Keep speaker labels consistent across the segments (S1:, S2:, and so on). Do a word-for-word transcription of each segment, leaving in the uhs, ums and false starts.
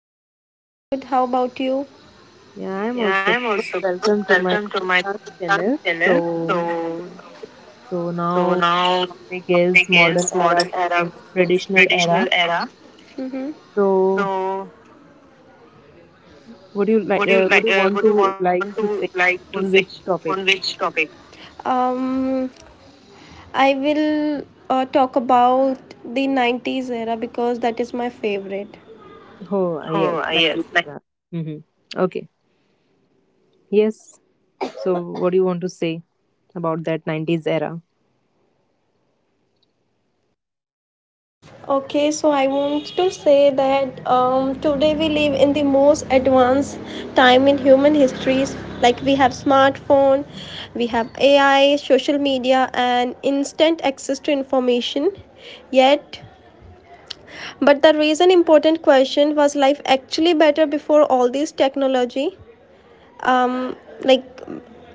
S1: Anusha, I'm good. How about you?
S2: Yeah, I'm
S1: Yeah,
S2: also
S1: I'm
S2: good.
S1: also good.
S2: Welcome to my
S1: Welcome to my
S2: podcast
S1: podcast
S2: channel.
S1: channel.
S2: So,
S1: So,
S2: so
S1: so
S2: now
S1: now
S2: topic is
S1: topic
S2: modern
S1: is
S2: era
S1: modern era
S2: versus
S1: versus
S2: traditional era.
S1: traditional era.
S2: So,
S1: So,
S2: what do you like?
S1: what do you
S2: Uh, what do
S1: like?
S2: you
S1: Uh,
S2: want
S1: what do you
S2: to
S1: want
S2: like
S1: to
S2: to
S1: like
S2: say
S1: to say
S2: on which
S1: on
S2: topic?
S1: which topic? Um, I will uh, talk about the nineties era because that is my favorite.
S2: Oh, ah, yes,
S1: Oh, yes,
S2: Nigerian
S1: like.
S2: era. Mm-hmm. Okay. Yes. So, what do you want to say about that nineties era?
S1: Okay, so I want to say that um, today we live in the most advanced time in human histories. Like we have smartphone, we have A I, social media, and instant access to information. Yet, but the reason important question was life actually better before all this technology? Um, like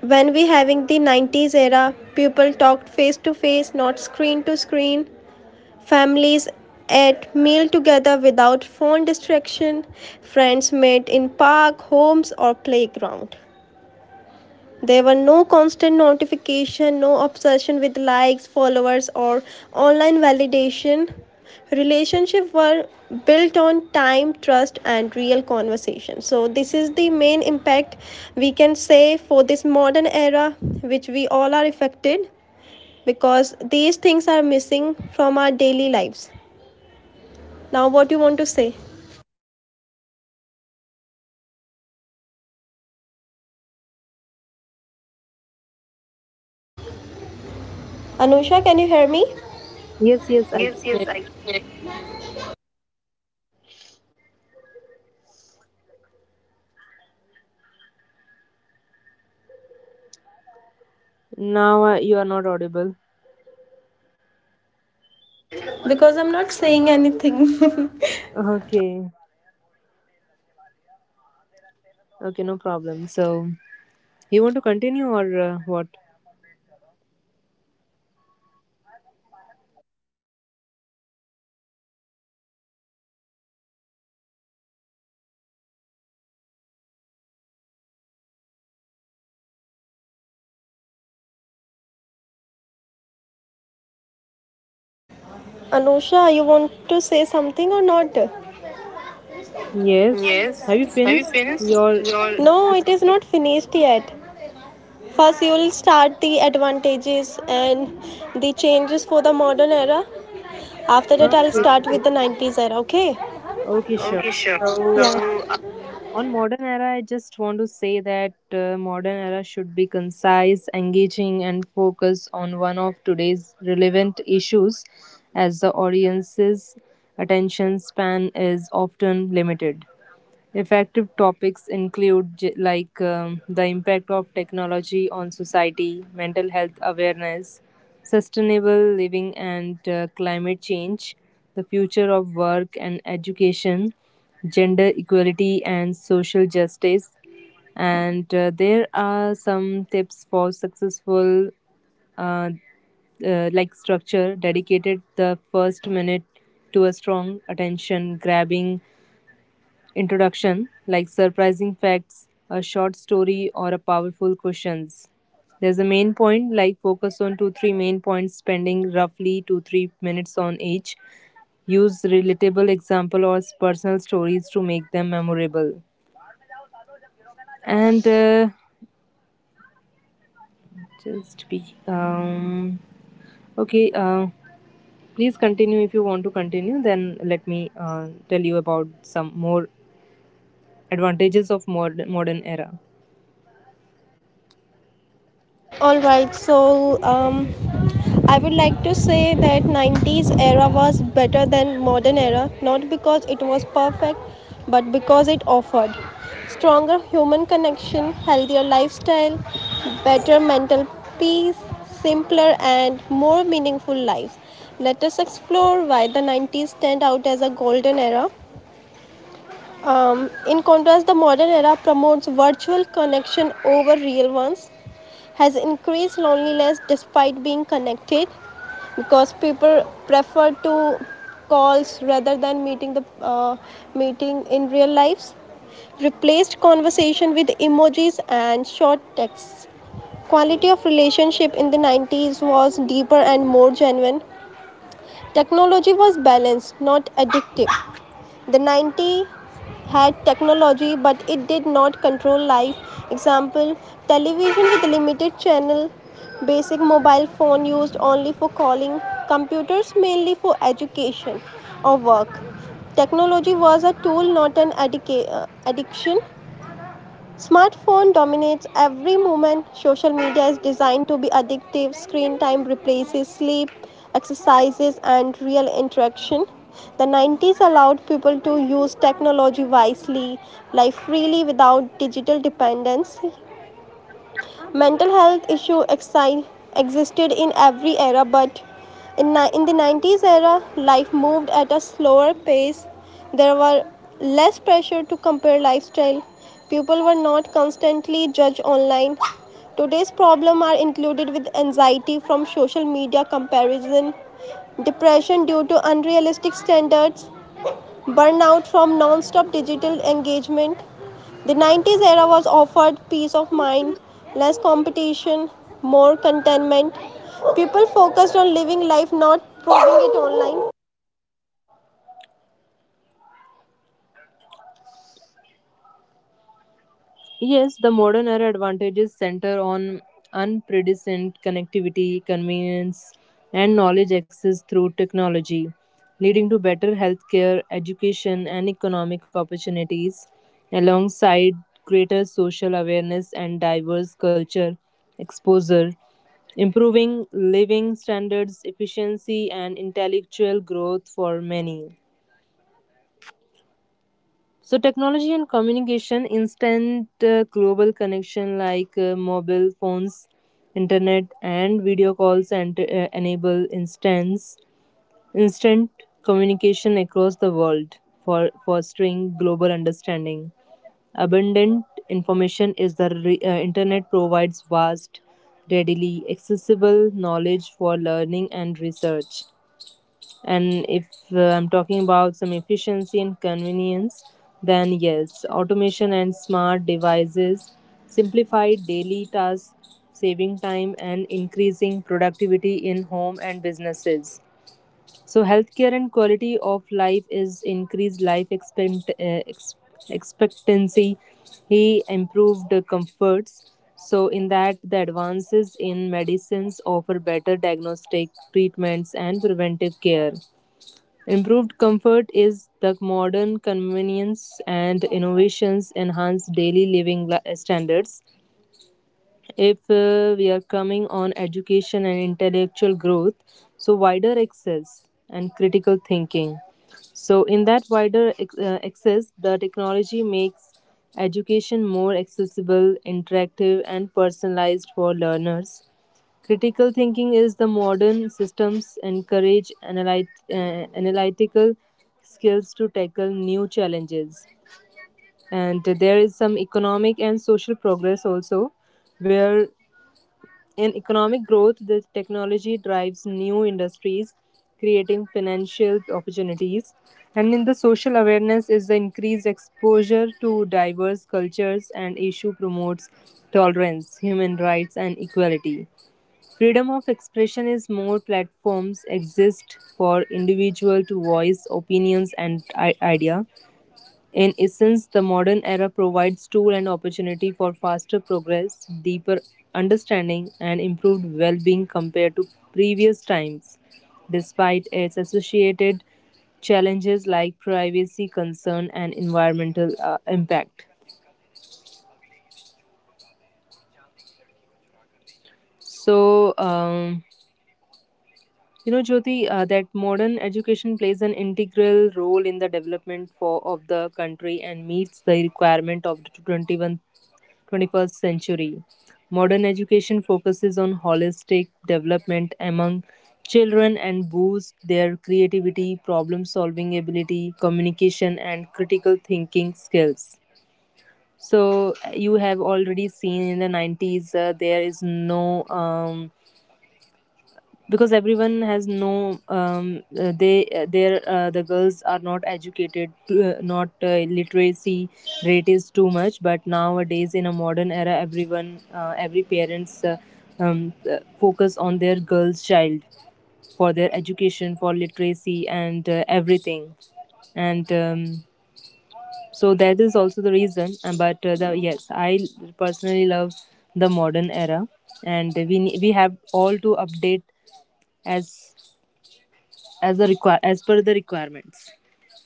S1: when we having the nineties era, people talked face to face, not screen to screen. Families ate meal together without phone distraction. Friends met in park, homes or playground. There were no constant notification, no obsession with likes, followers or online validation. Relationships were built on time, trust and real conversation. So this is the main impact we can say for this modern era which we all are affected because these things are missing from our daily lives. Now what you want to say? Anusha, can you hear me?
S2: Yes, yes, I can
S1: Yes,
S2: hear
S1: yes, I can.
S2: you. Now uh, you are not audible.
S1: Because I'm not saying anything.
S2: Okay. Okay, no problem. So, you want to continue or uh, what?
S1: Anusha, you want to say something or not?
S2: Yes.
S1: Yes.
S2: Have you
S1: Have you
S2: finished
S1: finished
S2: your?
S1: your? No,
S2: Okay.
S1: it is not finished yet. First, you will start the advantages and the changes for the modern era. After that, I'll start with the nineties era, okay?
S2: Okay, sure.
S1: Okay, sure.
S2: So,
S1: Yeah.
S2: uh,
S1: So
S2: on modern era, I just want to say that uh, modern era should be concise, engaging, and focus on one of today's relevant issues, as the audience's attention span is often limited. Effective topics include j- like um, the impact of technology on society, mental health awareness, sustainable living and uh, climate change, the future of work and education, gender equality and social justice. And uh, there are some tips for successful uh, uh, like structure dedicated the first minute to a strong attention grabbing introduction, like surprising facts, a short story, or a powerful questions. There's a main point, like focus on two, three main points, spending roughly two, three minutes on each. Use relatable example or personal stories to make them memorable. And uh, just be um okay. Uh, please continue if you want to continue. Then let me uh, tell you about some more advantages of modern modern era.
S1: all right, so um, I would like to say that nineties era was better than modern era, not because it was perfect, but because it offered stronger human connection, healthier lifestyle, better mental peace, simpler and more meaningful lives. Let us explore why the nineties stand out as a golden era. Um, in contrast, the modern era promotes virtual connection over real ones, has increased loneliness despite being connected because people prefer to calls rather than meeting the uh, meeting in real lives, replaced conversation with emojis and short texts. Quality of relationship in the nineties was deeper and more genuine. Technology was balanced, not addictive. The nineties had technology but it did not control life. Example, television with limited channel, basic mobile phone used only for calling, computers mainly for education or work. Technology was a tool, not an addica- uh, addiction. Smartphone dominates every moment. Social media is designed to be addictive. Screen time replaces sleep, exercises, and real interaction. The nineties allowed people to use technology wisely, live freely without digital dependence. Mental health issue exi- existed in every era, but in, ni- in the nineties era, life moved at a slower pace. There were less pressure to compare lifestyle. People were not constantly judged online. Today's problems are included with anxiety from social media comparison, depression due to unrealistic standards, burnout from non-stop digital engagement. The nineties era was offered peace of mind, less competition, more contentment. People focused on living life, not proving it online.
S2: Yes, the modern era advantages center on unprecedented connectivity, convenience, and knowledge access through technology, leading to better healthcare, education, and economic opportunities, alongside greater social awareness and diverse culture exposure, improving living standards, efficiency, and intellectual growth for many. So technology and communication, instant uh, global connection like uh, mobile phones, internet, and video calls and uh, enable instance instant communication across the world for fostering global understanding. Abundant information is the re- uh, internet provides vast, readily accessible knowledge for learning and research. And if uh, I'm talking about some efficiency and convenience, then yes, automation and smart devices simplify daily tasks, saving time and increasing productivity in home and businesses. So, healthcare and quality of life is increased life expect, uh, ex- expectancy. He improved the comforts. So, in that, the advances in medicines offer better diagnostic treatments and preventive care. Improved comfort is the modern convenience and innovations enhance daily living li- standards. If uh, we are coming on education and intellectual growth, so wider access and critical thinking. So, in that wider ex- uh, access, the technology makes education more accessible, interactive, and personalized for learners. Critical thinking is the modern systems encourage analyt- uh, analytical skills to tackle new challenges. And there is some economic and social progress also, where in economic growth, the technology drives new industries, creating financial opportunities. And in the social awareness is the increased exposure to diverse cultures and issue promotes tolerance, human rights, and equality. Freedom of expression is more platforms exist for individual to voice opinions and i- idea. In essence, the modern era provides tool and opportunity for faster progress, deeper understanding, and improved well-being compared to previous times, despite its associated challenges like privacy concern and environmental uh, impact. So. Um, You know, Jyoti, uh, that modern education plays an integral role in the development for, of the country and meets the requirement of the twenty-first century. Modern education focuses on holistic development among children and boosts their creativity, problem solving ability, communication, and critical thinking skills. So, you have already seen in the nineties, uh, there is no um, because everyone has no um, uh, they uh, their uh, the girls are not educated uh, not uh, literacy rate is too much but nowadays in a modern era everyone uh, every parents uh, um, uh, focus on their girls child for their education for literacy and uh, everything and um, so that is also the reason. Uh, but uh, the, yes, I personally love the modern era and we ne- we have all to update as as a require as per the requirements.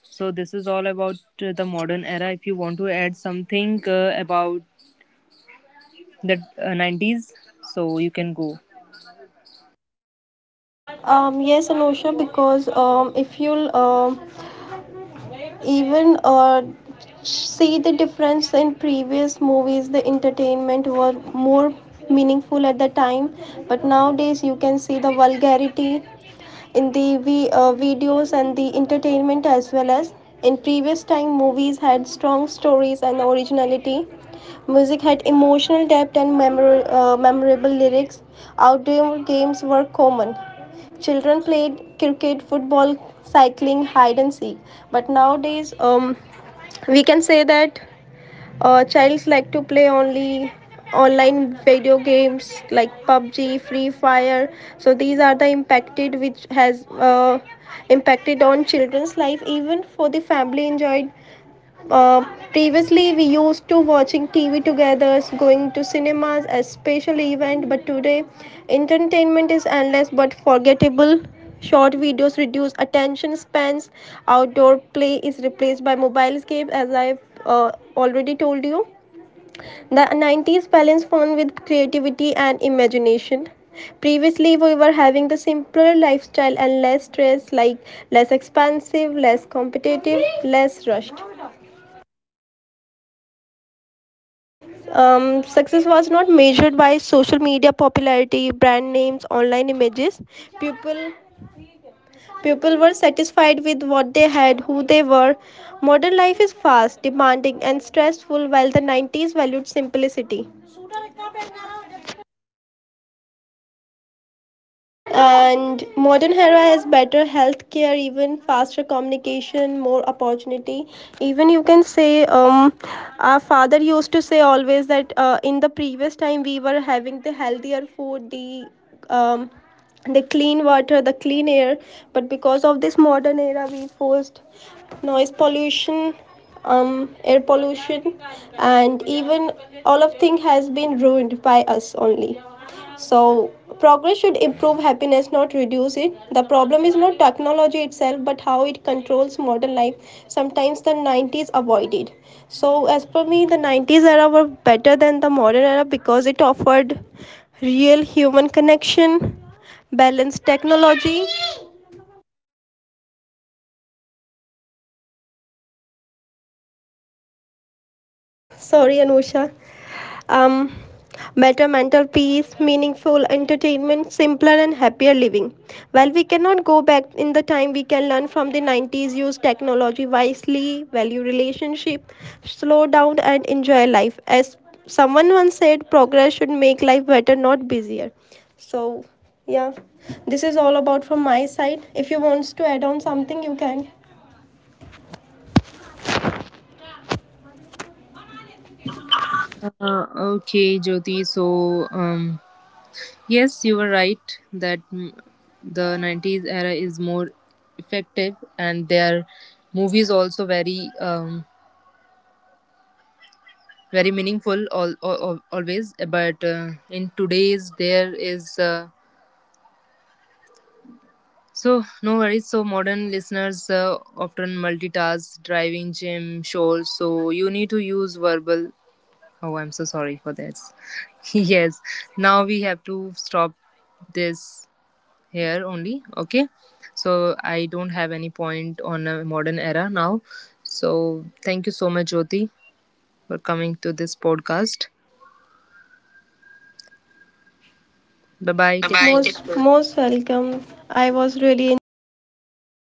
S2: So this is all about uh, the modern era. If you want to add something uh, about the uh, nineties, so you can go.
S1: Um, yes, Anusha, because um, if you'll um even uh, see the difference in previous movies, the entertainment were more meaningful at the time, but nowadays you can see the vulgarity in the v uh, videos and the entertainment, as well as in previous time movies had strong stories and originality. Music had emotional depth and memor- uh, memorable lyrics. Outdoor games were common. Children played cricket, football, cycling, hide and seek. But nowadays, um, we can say that uh, childs like to play only online video games like pub g, Free Fire. So these are the impacted which has uh, impacted on children's life. Even for the family enjoyed, uh, previously we used to watching tv together, going to cinemas as special event, but today entertainment is endless but forgettable. Short videos reduce attention spans. Outdoor play is replaced by mobile games, as I've uh, already told you. The nineties balance fun with creativity and imagination. Previously we were having the simpler lifestyle and less stress, like less expensive, less competitive, less rushed. Um, success was not measured by social media popularity, brand names, online images. People people were satisfied with what they had, who they were. Modern life is fast, demanding, and stressful, while the nineties valued simplicity. And modern era has better healthcare, even faster communication, more opportunity. Even you can say, um our father used to say always that uh, in the previous time we were having the healthier food, the um the clean water, the clean air. But because of this modern era we forced noise pollution, um air pollution, and even all of thing has been ruined by us only. So, progress should improve happiness, not reduce it. The problem is not technology itself, but how it controls modern life. Sometimes the nineties avoid it. So, as per me, the nineties era were better than the modern era because it offered real human connection, balanced technology. Sorry, Anusha. um, Better mental peace, meaningful entertainment, simpler and happier living. While we cannot go back in the time, we can learn from the nineties, use technology wisely, value relationship, slow down and enjoy life. As someone once said, progress should make life better, not busier. So, yeah, this is all about from my side. If you want to add on something, you can.
S2: Uh, okay, Jyoti. So um, yes, you were right that mm, the nineties era is more effective, and their movies also very um, very meaningful all, all, always. But uh, in today's there is. Uh, So, no worries. So, modern listeners uh, often multitask, driving, gym, chores. So, you need to use verbal. Oh, I'm so sorry for this. Yes. Now we have to stop this here only. Okay. So, I don't have any point on a modern era now. So, thank you so much, Jyoti, for coming to this podcast. Bye bye.
S1: Bye
S2: Take
S1: bye.
S2: care.
S1: Most, most welcome. I was really enjoyed.